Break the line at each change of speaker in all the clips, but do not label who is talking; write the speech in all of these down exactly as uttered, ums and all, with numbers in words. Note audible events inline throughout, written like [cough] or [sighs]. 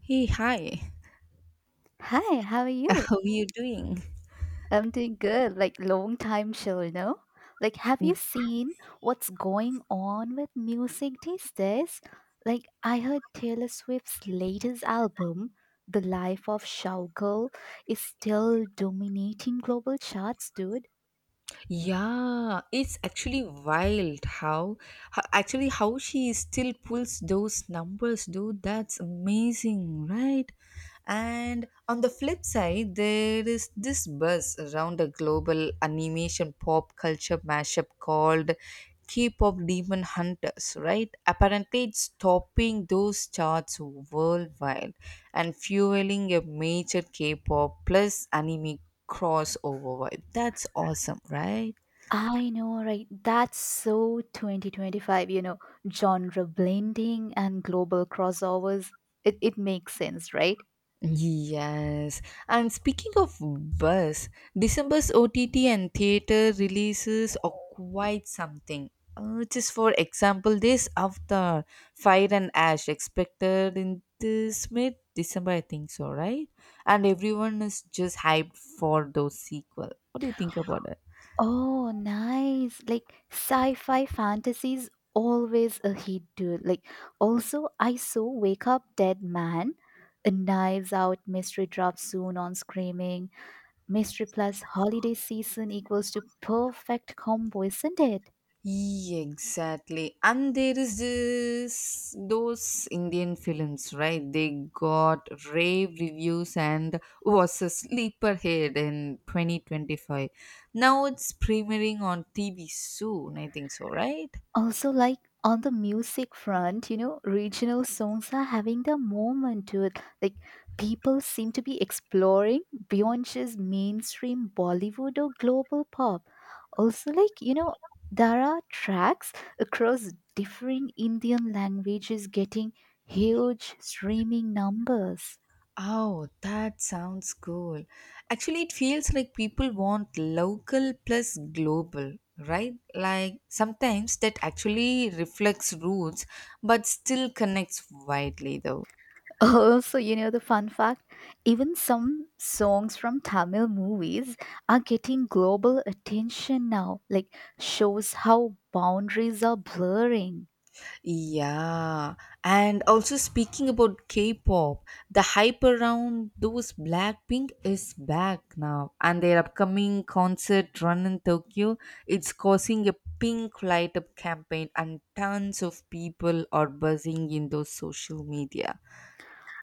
Hey, hi.
Hi, how are
[laughs]
you?
How are you doing?
I'm doing good. Like long time chill, you know? Like have you seen what's going on with music these days? Like I heard Taylor Swift's latest album, The Life of Showgirl, is still dominating global charts, dude.
Yeah, it's actually wild how, how actually how she still pulls those numbers, dude. That's amazing, right? And on the flip side, there is this buzz around a global animation pop culture mashup called K-pop Demon Hunters, right? Apparently, it's topping those charts worldwide and fueling a major K-pop plus anime crossover vibe. That's awesome, right?
I know, right? That's so twenty twenty-five, you know, genre blending and global crossovers. It it makes sense, right?
Yes. And speaking of buzz, December's O T T and theater releases are quite something. Uh, just for example, this Avatar, Fire and Ash, expected in this mid December, I think so, right? And everyone is just hyped for those sequel. What do you think about [sighs] it?
Oh, nice. Like sci-fi fantasy is always a hit, dude. Like also I saw Wake Up Dead Man, a Knives Out mystery drop soon on Screaming. Mystery plus holiday season equals to perfect combo, isn't it?
Yeah, exactly. And there is this those Indian films, right? They got rave reviews and was a sleeper hit in twenty twenty-five. Now it's premiering on T V soon, I think so, right?
Also, like on the music front, you know, regional songs are having the moment to it. Like people seem to be exploring beyond just mainstream Bollywood or global pop. Also, like, you know, there are tracks across different Indian languages getting huge streaming numbers.
Oh, that sounds cool. Actually, it feels like people want local plus global, right? Like sometimes that actually reflects roots but still connects widely though.
[laughs] Oh, so you know the fun fact? Even some songs from Tamil movies are getting global attention now, like shows how boundaries are blurring.
Yeah, and also speaking about K-pop, the hype around those Blackpink is back now, and their upcoming concert run in Tokyo, it's causing a pink light up campaign, and tons of people are buzzing in those social media.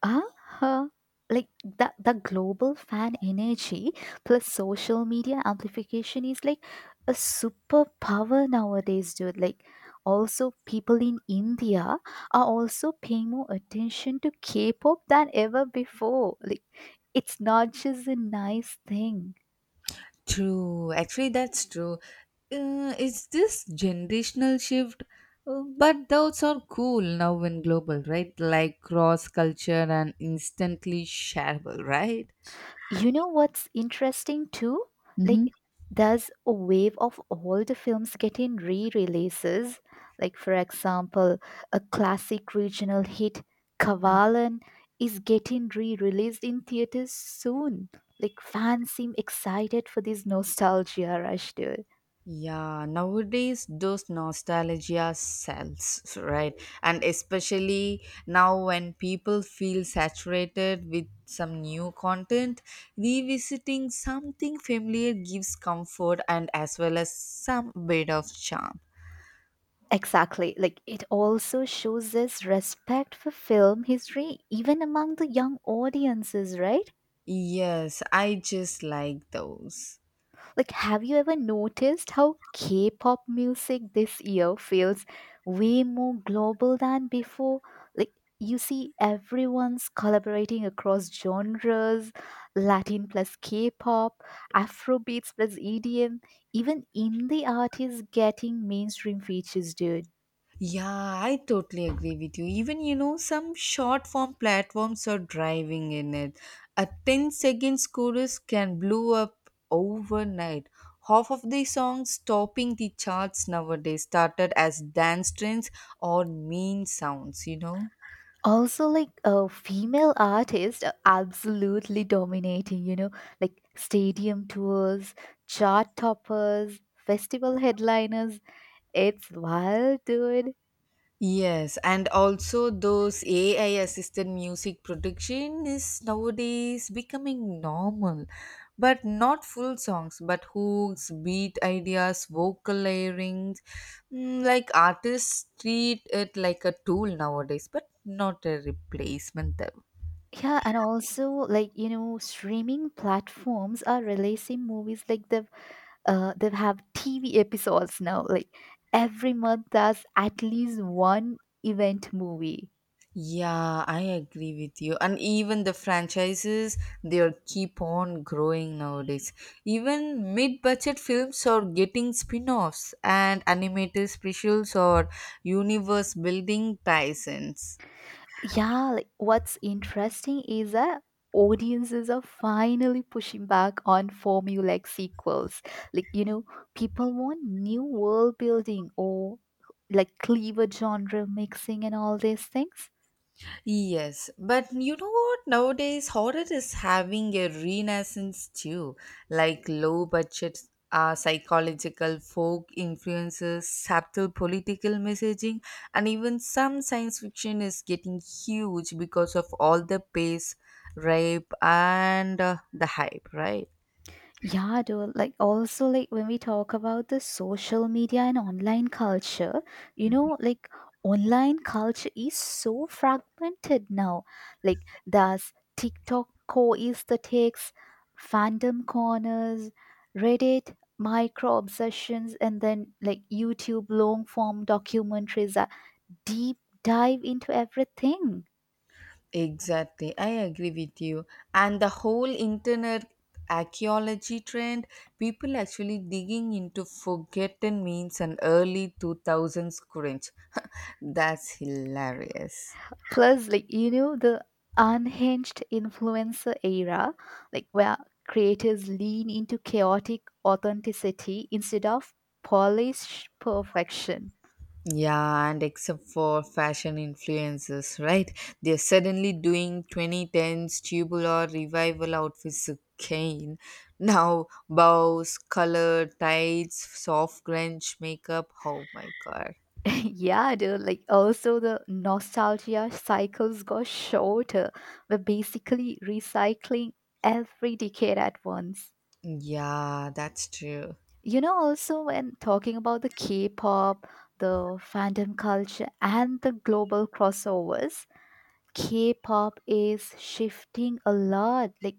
Uh-huh. Like that the global fan energy plus social media amplification is like a superpower nowadays, dude. Like also people in India are also paying more attention to K-pop than ever before. Like it's not just a nice thing.
True, actually, that's true. Uh, it's this generational shift, uh, but those are cool now in global, right? Like cross culture and instantly shareable, right?
You know what's interesting too? Like,
Hmm.
there's a wave of old films getting re releases. Like, for example, a classic regional hit, Kavalan, is getting re released in theaters soon. Like, fans seem excited for this nostalgia rush, dude.
Yeah, nowadays those nostalgia sells, right? And especially now when people feel saturated with some new content, revisiting something familiar gives comfort and as well as some bit of charm.
Exactly. Like, it also shows us respect for film history, even among the young audiences, right?
Yes, I just like those.
Like, have you ever noticed how K pop music this year feels way more global than before? Like, you see everyone's collaborating across genres, Latin plus K pop, Afrobeats plus E D M, even indie artists getting mainstream features, dude.
Yeah, I totally agree with you. Even, you know, some short form platforms are driving in it. A ten seconds chorus can blow up overnight. Half of the songs topping the charts nowadays started as dance trends or mean sounds, you know?
Also, like, uh, female artists are absolutely dominating, you know, like stadium tours, chart toppers, festival headliners. It's wild, dude.
Yes, and also those A I assisted music production is nowadays becoming normal, but not full songs, but hooks, beat ideas, vocal layering. Mm, like artists treat it like a tool nowadays, but not a replacement.
Yeah, and also, like, you know, streaming platforms are releasing movies like they've uh they have T V episodes now. Like every month there's at least one event movie.
Yeah, I agree with you. And even the franchises, they'll keep on growing nowadays. Even mid budget films are getting spin offs and animated specials or universe building ties ins.
Yeah, like what's interesting is that audiences are finally pushing back on formulaic sequels. Like, you know, people want new world building or like cleaver genre mixing and all these things.
Yes, but you know what? Nowadays, horror is having a renaissance too. Like low budget uh, psychological folk influences, subtle political messaging, and even some science fiction is getting huge because of all the pace, rape, and uh, the hype, right?
Yeah, dude. Like, also, like, when we talk about the social media and online culture, you know, like, online culture is so fragmented now. Like, there's TikTok co is the takes, fandom corners, Reddit, micro obsessions, and then, like, YouTube long form documentaries that deep dive into everything.
Exactly, I agree with you. And the whole internet archaeology trend, people actually digging into forgotten means and early two thousands cringe. [laughs] That's hilarious.
Plus, like, you know, the unhinged influencer era, like where creators lean into chaotic authenticity instead of polished perfection.
Yeah, and except for fashion influencers, right? They're suddenly doing twenty tens tubular revival outfits again. Now, bows, color, tights, soft grunge makeup. Oh my god.
[laughs] yeah, dude, like also the nostalgia cycles got shorter. We're basically recycling every decade at once.
Yeah, that's true.
You know, also when talking about the K-pop, the fandom culture and the global crossovers, K-pop is shifting a lot. Like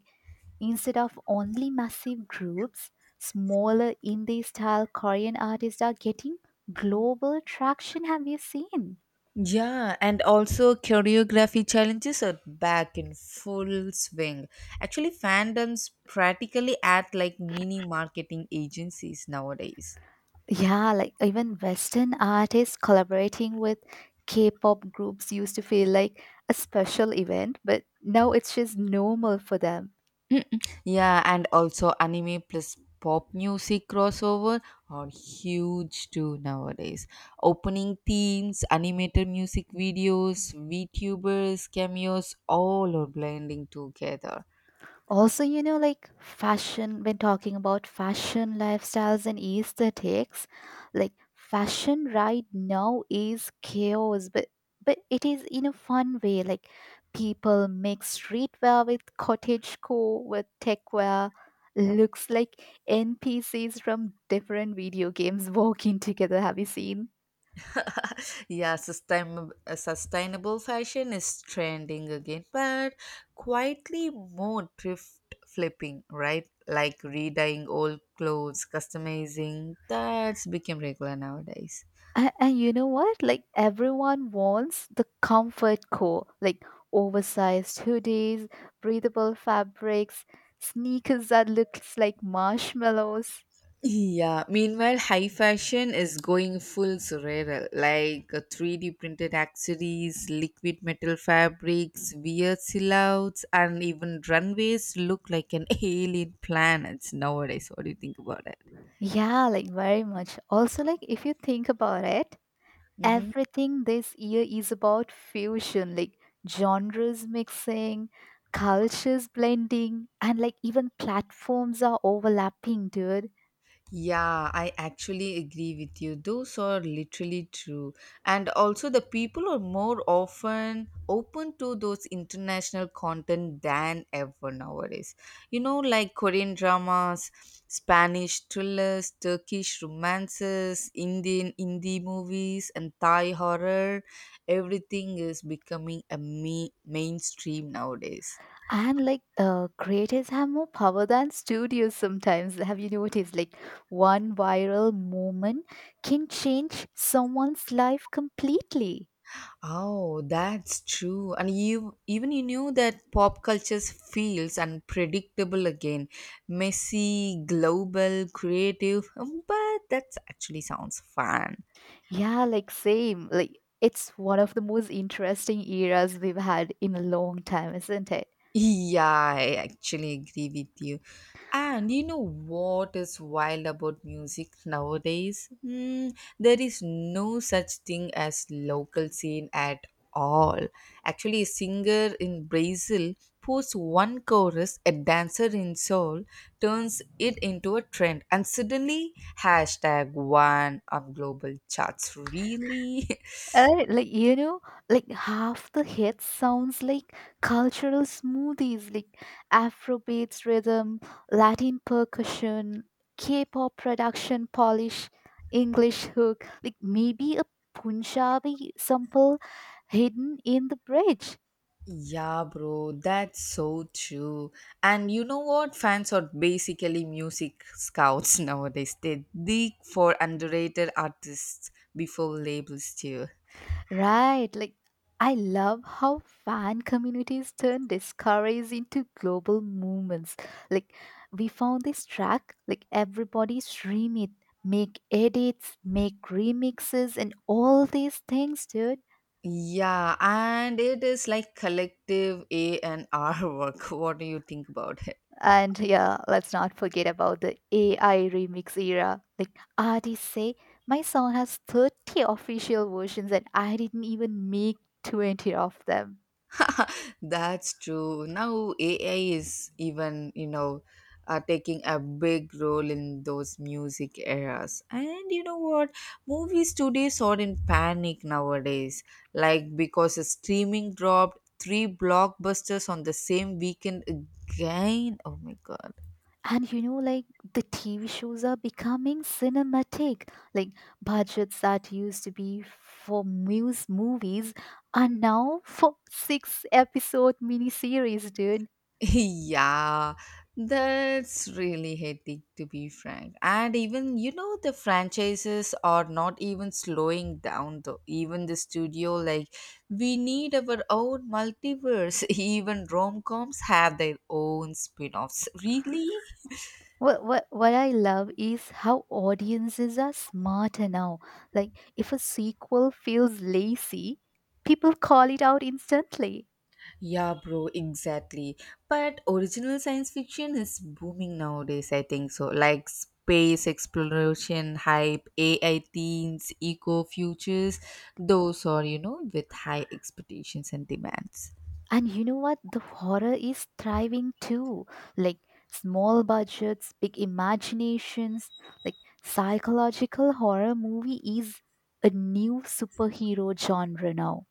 instead of only massive groups, smaller indie style Korean artists are getting global traction. Have you seen?
Yeah, and also choreography challenges are back in full swing. Actually, fandoms practically act like mini marketing agencies nowadays.
Yeah, like even Western artists collaborating with K-pop groups used to feel like a special event, but now it's just normal for them.
Yeah, and also anime plus pop music crossover are huge too nowadays. Opening themes, animated music videos, VTubers, cameos, all are blending together.
Also, you know, like fashion, when talking about fashion, lifestyles, and aesthetics, like fashion right now is chaos, but but it is in a fun way. Like people mix streetwear with cottagecore with techwear. Looks like N P Cs from different video games walking together. Have you seen?
Yeah, sustain, uh, sustainable fashion is trending again, but quietly more thrift flipping, right? Like redying old clothes, customizing, that's become regular nowadays.
And, and you know what? Like everyone wants the comfort core, like oversized hoodies, breathable fabrics, sneakers that looks like marshmallows.
Yeah, meanwhile, high fashion is going full surreal, like uh, three D printed accessories, liquid metal fabrics, weird silhouettes, and even runways look like an [laughs] alien planet nowadays. What do you think about it?
Yeah, like very much. Also, like if you think about it, everything this year is about fusion, like genres mixing, cultures blending, and like even platforms are overlapping, dude.
Yeah, I actually agree with you. Those are literally true. And also, the people are more often open to those international content than ever nowadays. You know, like Korean dramas, Spanish thrillers, Turkish romances, Indian indie movies, and Thai horror. Everything is becoming a me- mainstream nowadays.
And, like, uh, creators have more power than studios sometimes. Have you noticed? Like one viral moment can change someone's life completely.
Oh, that's true. And you even you knew that pop culture's feels unpredictable again, messy, global, creative. um, But that actually sounds fun.
Yeah, like same. Like it's one of the most interesting eras we've had in a long time, isn't it?
Yeah, I actually agree with you. And you know what is wild about music nowadays? Mm, there is no such thing as local scene at all. Actually, a singer in Brazil posts one chorus, a dancer in Seoul turns it into a trend, and suddenly hashtag one on global charts. Really? [laughs]
Uh, like, you know, like half the hit sounds like cultural smoothies, like Afrobeats rhythm, Latin percussion, K-pop production polish, English hook, like maybe a Punjabi sample hidden in the bridge.
Yeah, bro, that's so true. And you know what? Fans are basically music scouts [laughs] nowadays. They dig for underrated artists before labels too.
Right, like I love how fan communities turn discoveries into global movements. Like we found this track, like everybody stream it, make edits, make remixes and all these things, dude.
Yeah, and it is like collective A and R work. [laughs] What do you think about it?
And yeah, let's not forget about the A I remix era. Like artists say, my song has thirty official versions and I didn't even make twenty of them.
[laughs] That's true. Now A I is even, you know, uh, taking a big role in those music eras. And you know what? Movies today are in panic nowadays. Like because a streaming dropped three blockbusters on the same weekend again. Oh my god.
And you know, like the T V shows are becoming cinematic. Like budgets that used to be for muse movies are now for six episode miniseries, dude.
[laughs] Yeah, that's really hectic to be frank. And even, you know, the franchises are not even slowing down though. Even the studio, like, we need our own multiverse. [laughs] Even rom coms have their own spin offs. Really?
What, what, what I love is how audiences are smarter now. Like, if a sequel feels lazy, people call it out instantly.
Yeah, bro, exactly. But original science fiction is booming nowadays, I think so. Like space exploration hype, A I themes, eco futures, those are, you know, with high expectations and demands.
And you know what? The horror is thriving too. Like small budgets, big imaginations, like psychological horror movie is a new superhero genre now.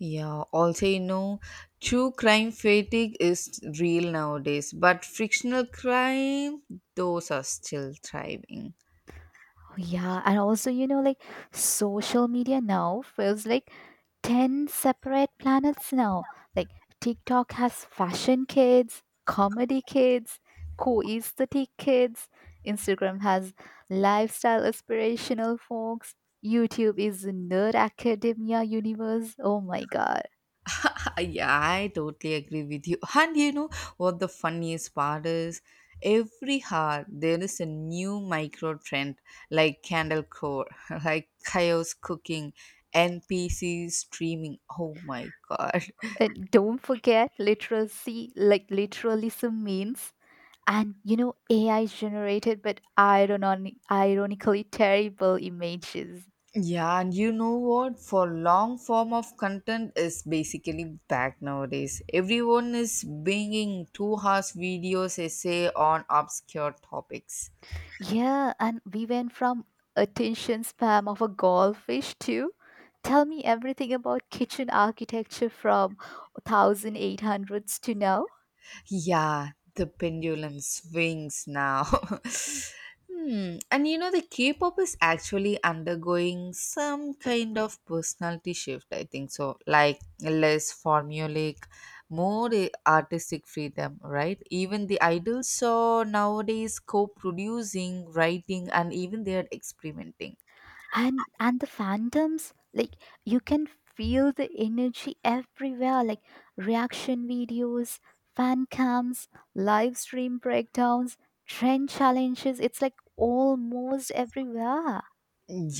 Yeah, also, you know, true crime fatigue is real nowadays, but fictional crime, those are still thriving.
Yeah, and also, you know, like social media now feels like ten separate planets now. Like TikTok has fashion kids, comedy kids, co-aesthetic kids. Instagram has lifestyle aspirational folks. YouTube is nerd academia universe. Oh my God.
Uh, Yeah, I totally agree with you. [laughs] And you know what the funniest part is? Every hour there is a new micro trend like candle core, [laughs] like chaos cooking, N P C streaming. Oh my god.
And don't forget literacy, like literalism means. And you know, A I generated but ironi- ironically terrible images.
Yeah, and you know what? For long form of content is basically back nowadays. Everyone is bringing two hour videos essay on obscure topics.
Yeah, and we went from attention spam of a goldfish to tell me everything about kitchen architecture from eighteen hundreds to now.
Yeah, the pendulum swings now. [laughs] Hmm. And you know, the K pop is actually undergoing some kind of personality shift, I think so. Like less formulaic, more eh, artistic freedom, right? Even the idols are nowadays co producing, writing, and even they are experimenting.
and and the fandoms, like you can feel the energy everywhere, like reaction videos, fan cams, live stream breakdowns, trend challenges, it's like almost everywhere.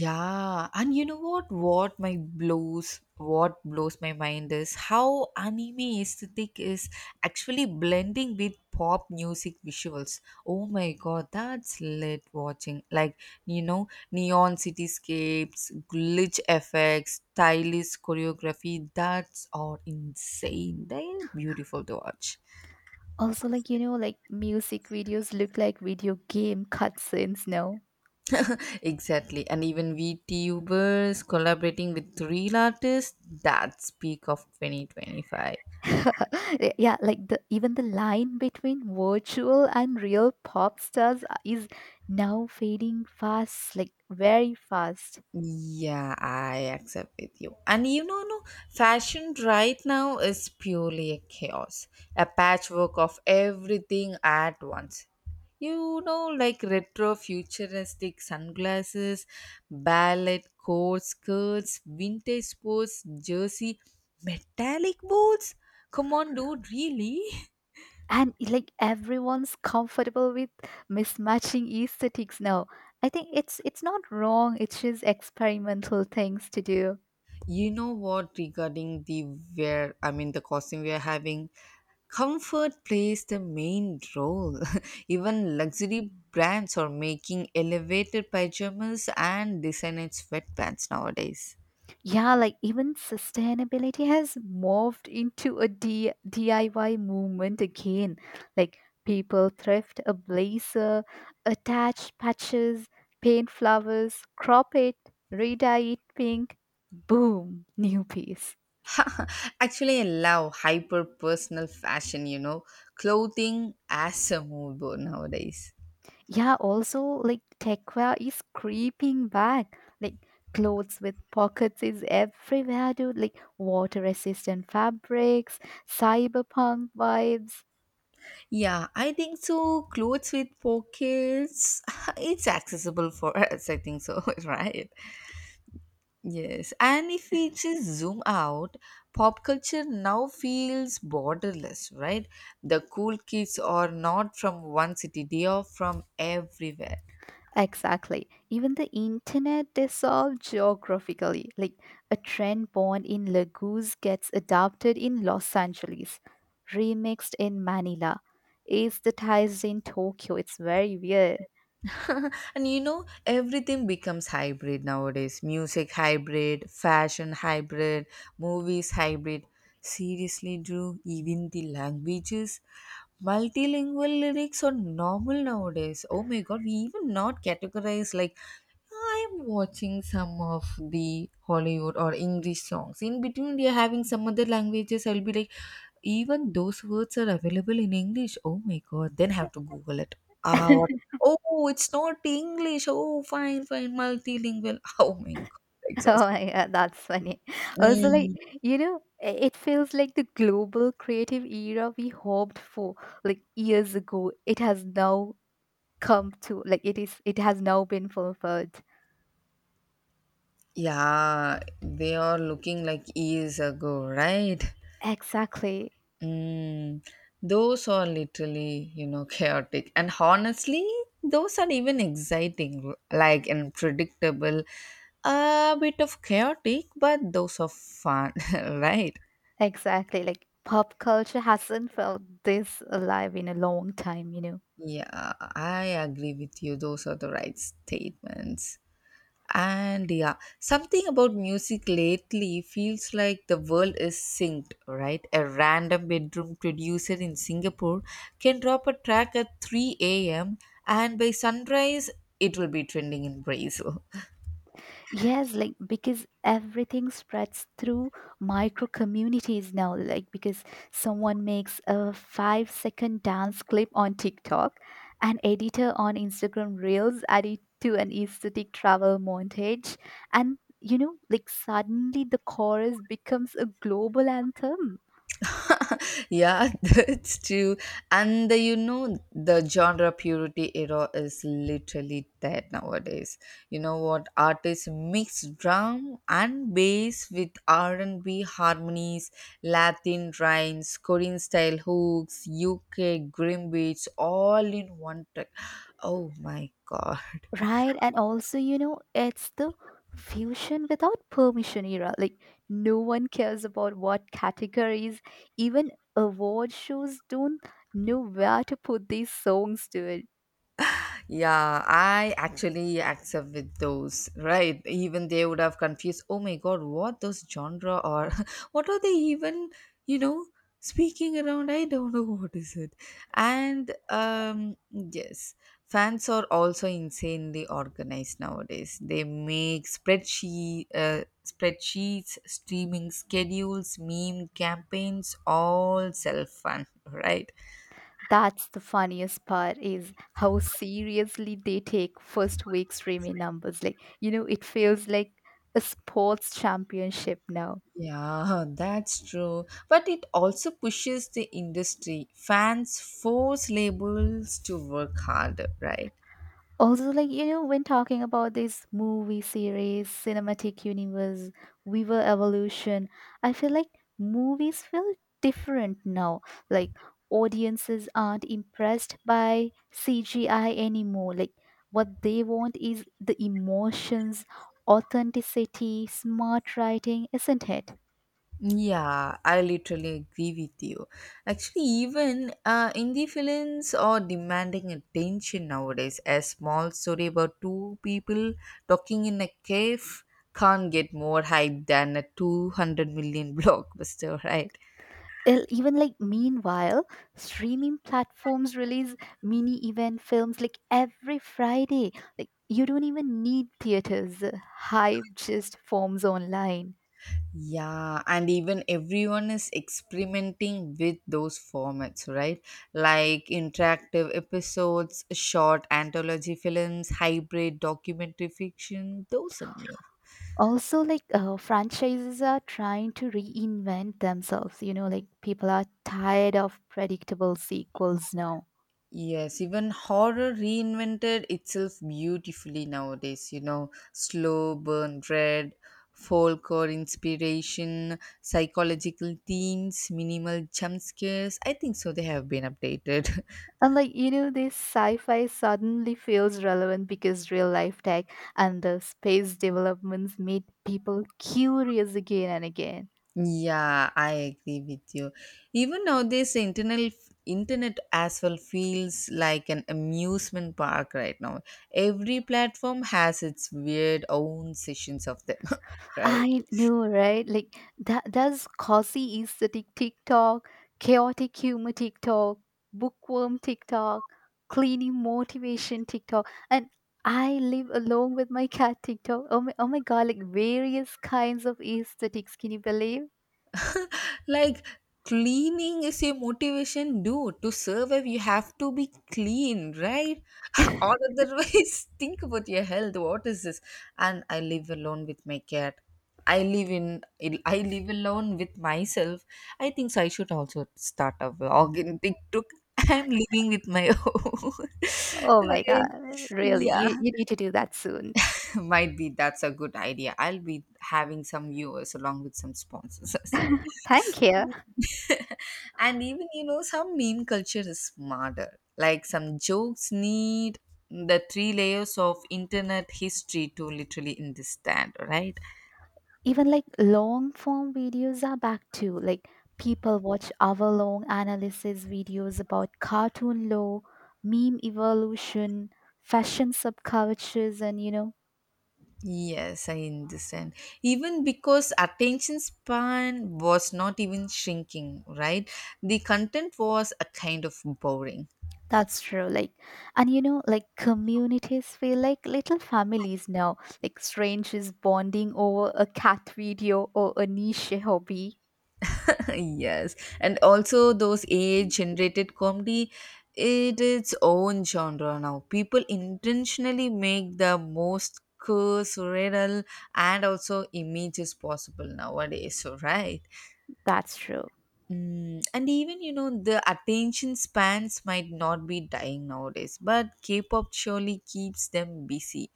Yeah, and you know what? What my blows, what blows my mind is how anime aesthetic is actually blending with pop music visuals. Oh my god, that's lit watching. Like you know, neon cityscapes, glitch effects, stylish choreography. That's all insane. They're beautiful to watch.
Also, like, you know, like music videos look like video game cutscenes now.
Exactly, and even VTubers collaborating with real artists. That's peak of twenty twenty-five.
[laughs] yeah, like the even the line between virtual and real pop stars is now fading fast, like very fast.
Yeah, I accept with you. And you know, no, fashion right now is purely a chaos, a patchwork of everything at once. You know, like retro futuristic sunglasses, ballet coats, skirts, vintage sports, jersey, metallic boots. Come on, dude, really? [laughs]
And like everyone's comfortable with mismatching aesthetics now. I think it's it's not wrong, it's just experimental things to do.
You know what regarding the wear, I mean the costume we are having, comfort plays the main role. [laughs] Even luxury brands are making elevated pajamas and designer sweatpants nowadays.
Yeah, like even sustainability has morphed into a D- diy movement again. Like people thrift a blazer, attach patches, paint flowers, crop it, redye it pink, boom, new piece.
Actually, I love hyper personal fashion, you know, clothing as a mood board nowadays.
Yeah, also like techwear is creeping back. Like clothes with pockets is everywhere, dude. Like water resistant fabrics, cyberpunk vibes.
Yeah, I think so. Clothes with pockets, [laughs] it's accessible for us, I think so, [laughs] right? Yes, and if we just zoom out, pop culture now feels borderless, right? The cool kids are not from one city, they are from everywhere.
Exactly. Even the internet is solved geographically. Like a trend born in Lagos gets adopted in Los Angeles, remixed in Manila, aesthetized in Tokyo. It's very weird.
[laughs] And you know, everything becomes hybrid nowadays music hybrid, fashion hybrid, movies hybrid. Seriously, Drew, even the languages. Multilingual lyrics are normal nowadays. Oh my god, we even not categorize like I'm watching some of the Hollywood or English songs. In between, they are having some other languages. I'll be like, even those words are available in English. Oh my god! Then have to Google it. Ah, what?
[laughs]
Oh, it's not English. Oh, fine, fine, multilingual. [laughs] Oh my god,
[laughs] Oh
exhausting.
my God, that's funny. Also, like,
Mm.
you know, i- it feels like the global creative era we hoped for like years ago. It has now come to, like, it is, it has now been fulfilled.
Yeah, they are looking like years ago, right?
Exactly.
Mm, those are literally, you know, chaotic. And honestly, those are even exciting, like unpredictable, a bit of chaotic, but those are fun, [laughs] right?
Exactly. Like pop culture hasn't felt this alive in a long time, you know.
Yeah, I agree with you. Those are the right statements. And yeah, something about music lately feels like the world is synced, right? A random bedroom producer in Singapore can drop a track at three a m and by sunrise it will be trending in Brazil.
Yes, like because everything spreads through micro communities now. Like because someone makes a five second dance clip on TikTok, an editor on Instagram Reels add it to an aesthetic travel montage, and you know, like suddenly the chorus becomes a global anthem.
Yeah, [laughs] that's true. And the, you know the genre purity era is literally dead nowadays. You know what artists mix drum and bass with r&b harmonies, latin rhymes, korean style hooks, uk grim beats, all in one track. Oh my god.
Right, and also, you know, it's the fusion without permission era. Like, no one cares about what categories, even award shows don't know where to put these songs to it.
Yeah, I actually accept with those, right? Even they would have confused, oh my god, what those genre are? [laughs] What are they even, you know, speaking around? I don't know what is it. And um yes, Fans are also insanely organized nowadays. They make spreadsheet uh, spreadsheets, streaming schedules, meme campaigns, all self fun, [laughs] right?
That's the funniest part is how seriously they take first week streaming numbers. Like, you know, it feels like a sports championship now.
Yeah, that's true. But it also pushes the industry. Fans force labels to work harder, right?
Also, like, you know, when talking about this movie series, cinematic universe, Weaver evolution, I feel like movies feel different now. Like, audiences aren't impressed by C G I anymore. Like, what they want is the emotions, authenticity, smart writing, isn't it?
Yeah, I literally agree with you. Actually, even uh, indie films are demanding attention nowadays. A small story about two people talking in a cave can't get more hype than a two hundred million [laughs] blockbuster, right?
El- even, like, meanwhile streaming platforms release mini event films like every Friday. Like you don't even need theaters, hype just forms online.
Yeah, and even everyone is experimenting with those formats, right? Like interactive episodes, short anthology films, hybrid documentary fiction, those are new.
Also, like, uh, franchises are trying to reinvent themselves, you know, like people are tired of predictable sequels now.
Yes, even horror reinvented itself beautifully nowadays, you know, slow burn dread, folklore inspiration, psychological themes, minimal jump scares. I think so, they have been updated. [laughs]
And, like, you know, this sci-fi suddenly feels relevant because real life tech and the space developments made people curious again and again.
Yeah, I agree with you. Even nowadays, the internet internet as well feels like an amusement park right now. Every platform has its weird own sessions of them, [laughs] right?
I know, right? Like that that's cozy aesthetic TikTok, chaotic humor TikTok, bookworm TikTok, cleaning motivation TikTok, and I live alone with my cat TikTok. Oh my, oh my God, like various kinds of aesthetics, can you believe?
Like cleaning is a motivation, dude. To survive you have to be clean, right? [laughs] Or
[laughs]
otherwise, [laughs] think about your health. What is this? And I live alone with my cat. i live in I live alone with myself. I think so I should also start a vlog in TikTok. [laughs] I'm living with my own. [laughs]
Oh my God,
Right.
really,
Yeah.
you, you need to do that soon.
[laughs] Might be that's a good idea. I'll be having some viewers along with some sponsors as
[laughs] Thank you.
well. [laughs] And even, you know, some meme culture is smarter. Like some jokes need the three layers of internet history to literally understand, right?
Even like long form videos are back too. Like people watch hour long analysis videos about cartoon lore, meme evolution, fashion subcultures, and you know,
Yes, I understand. Even because attention span was not even shrinking, right? The content was a kind of boring.
that's true. Like, and you know, like communities feel like little families now, like strangers bonding over a cat video or a niche hobby.
[laughs] Yes. And also those age generated comedy, it its own genre now. People intentionally make the most cool surreal and also images possible nowadays, so right.
That's true.
Mm, and even, you know, the attention spans might not be dying nowadays, but k-pop surely keeps them busy.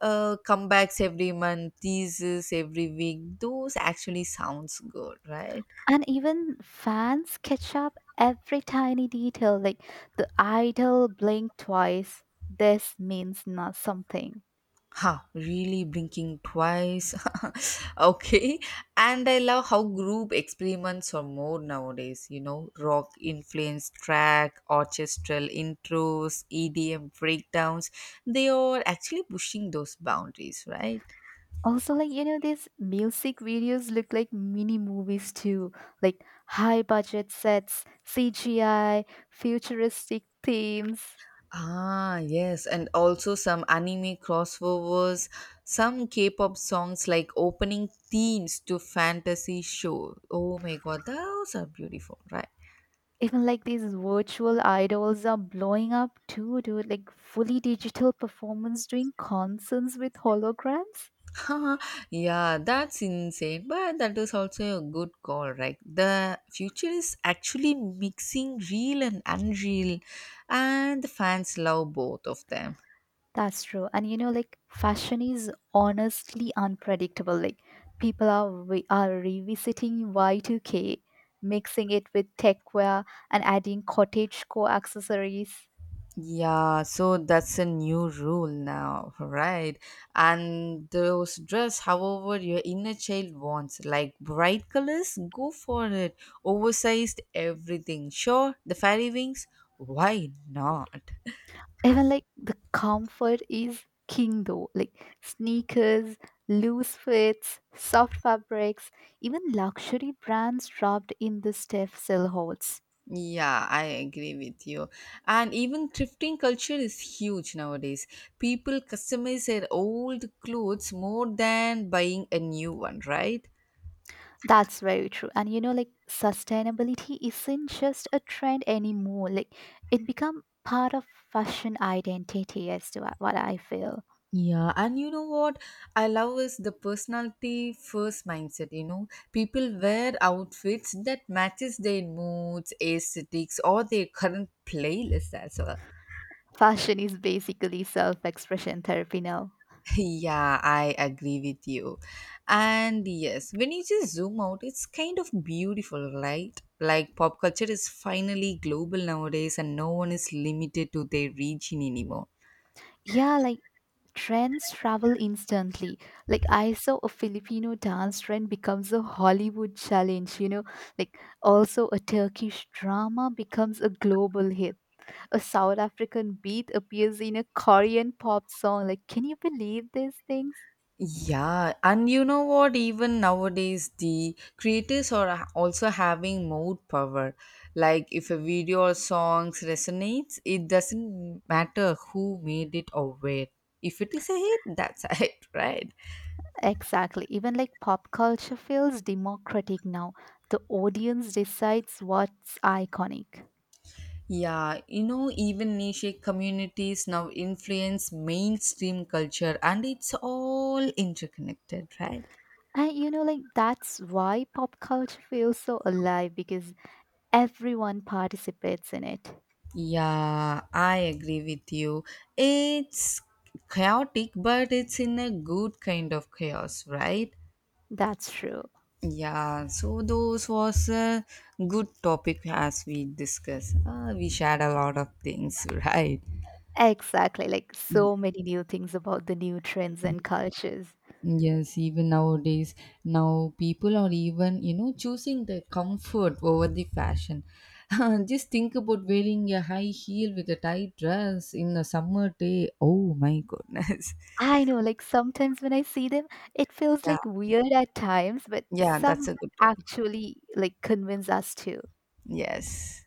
uh, Comebacks every month, teases every week, those actually sounds good, right?
And even fans catch up every tiny detail, like the idol blinked twice. This means not something.
Ha, really blinking twice. [laughs] Okay. And I love how group experiments are more nowadays, you know, rock influenced track, orchestral intros, E D M breakdowns. They are actually pushing those boundaries, right?
Also, like, you know, these music videos look like mini movies too, like high budget sets, C G I, futuristic themes.
Ah, yes. And also some anime crossovers, some K pop songs like opening themes to fantasy show. Oh my god, those are beautiful, right?
Even like these virtual idols are blowing up too, dude. Like fully digital performance doing concerts with holograms.
[laughs] Yeah, that's insane. But that is also a good call, right? The future is actually mixing real and unreal, and the fans love both of them.
That's true. And you know, like fashion is honestly unpredictable. Like people are re- are revisiting Y two K, mixing it with techwear and adding cottage core accessories.
Yeah, so that's a new rule now, right? And those dress however your inner child wants, like bright colors, go for it. Oversized everything. Sure, the fairy wings, why not?
Even like the comfort is king though. Like sneakers, loose fits, soft fabrics, even luxury brands dropped in the stiff silhouettes.
Yeah, I agree with you. And even thrifting culture is huge nowadays. People customize their old clothes more than buying a new one, right?
That's very true. And you know, like sustainability isn't just a trend anymore. Like it become part of fashion identity as to what what I feel.
Yeah, and you know what I love is the personality first mindset, you know. People wear outfits that matches their moods, aesthetics or their current playlist as well.
Fashion is basically self-expression therapy now.
Yeah, I agree with you. And yes, when you just zoom out, it's kind of beautiful, right? Like pop culture is finally global nowadays and no one is limited to their region anymore.
Yeah, like trends travel instantly. Like I saw a Filipino dance trend becomes a Hollywood challenge, you know, like also a Turkish drama becomes a global hit. A South African beat appears in a Korean pop song. Like, can you believe these things?
Yeah, and you know what? Even nowadays, the creators are also having more power. Like, if a video or songs resonates, it doesn't matter who made it or where. If it is a hit, that's [laughs] a hit, right?
Exactly. Even like pop culture feels democratic now. The audience decides what's iconic.
Yeah, you know, even niche communities now influence mainstream culture and it's all interconnected, right?
And you know, like that's why pop culture feels so alive because everyone participates in it.
Yeah, I agree with you. It's chaotic, but it's in a good kind of chaos, right?
That's true.
Yeah, so those was a good topic as we discussed. Uh, we shared a lot of things, [laughs] right?
Exactly. Like so many new things about the new trends and cultures.
Yes, even nowadays, now people are even, you know, choosing the comfort over the fashion. [laughs] Just think about wearing a high heel with a tight dress in a summer day. Oh my goodness. [laughs]
I know, like sometimes when I see them, it feels
Yeah,
like weird at times, but
yeah, that's
some
a good topic.
actually like convince us to.
Yes.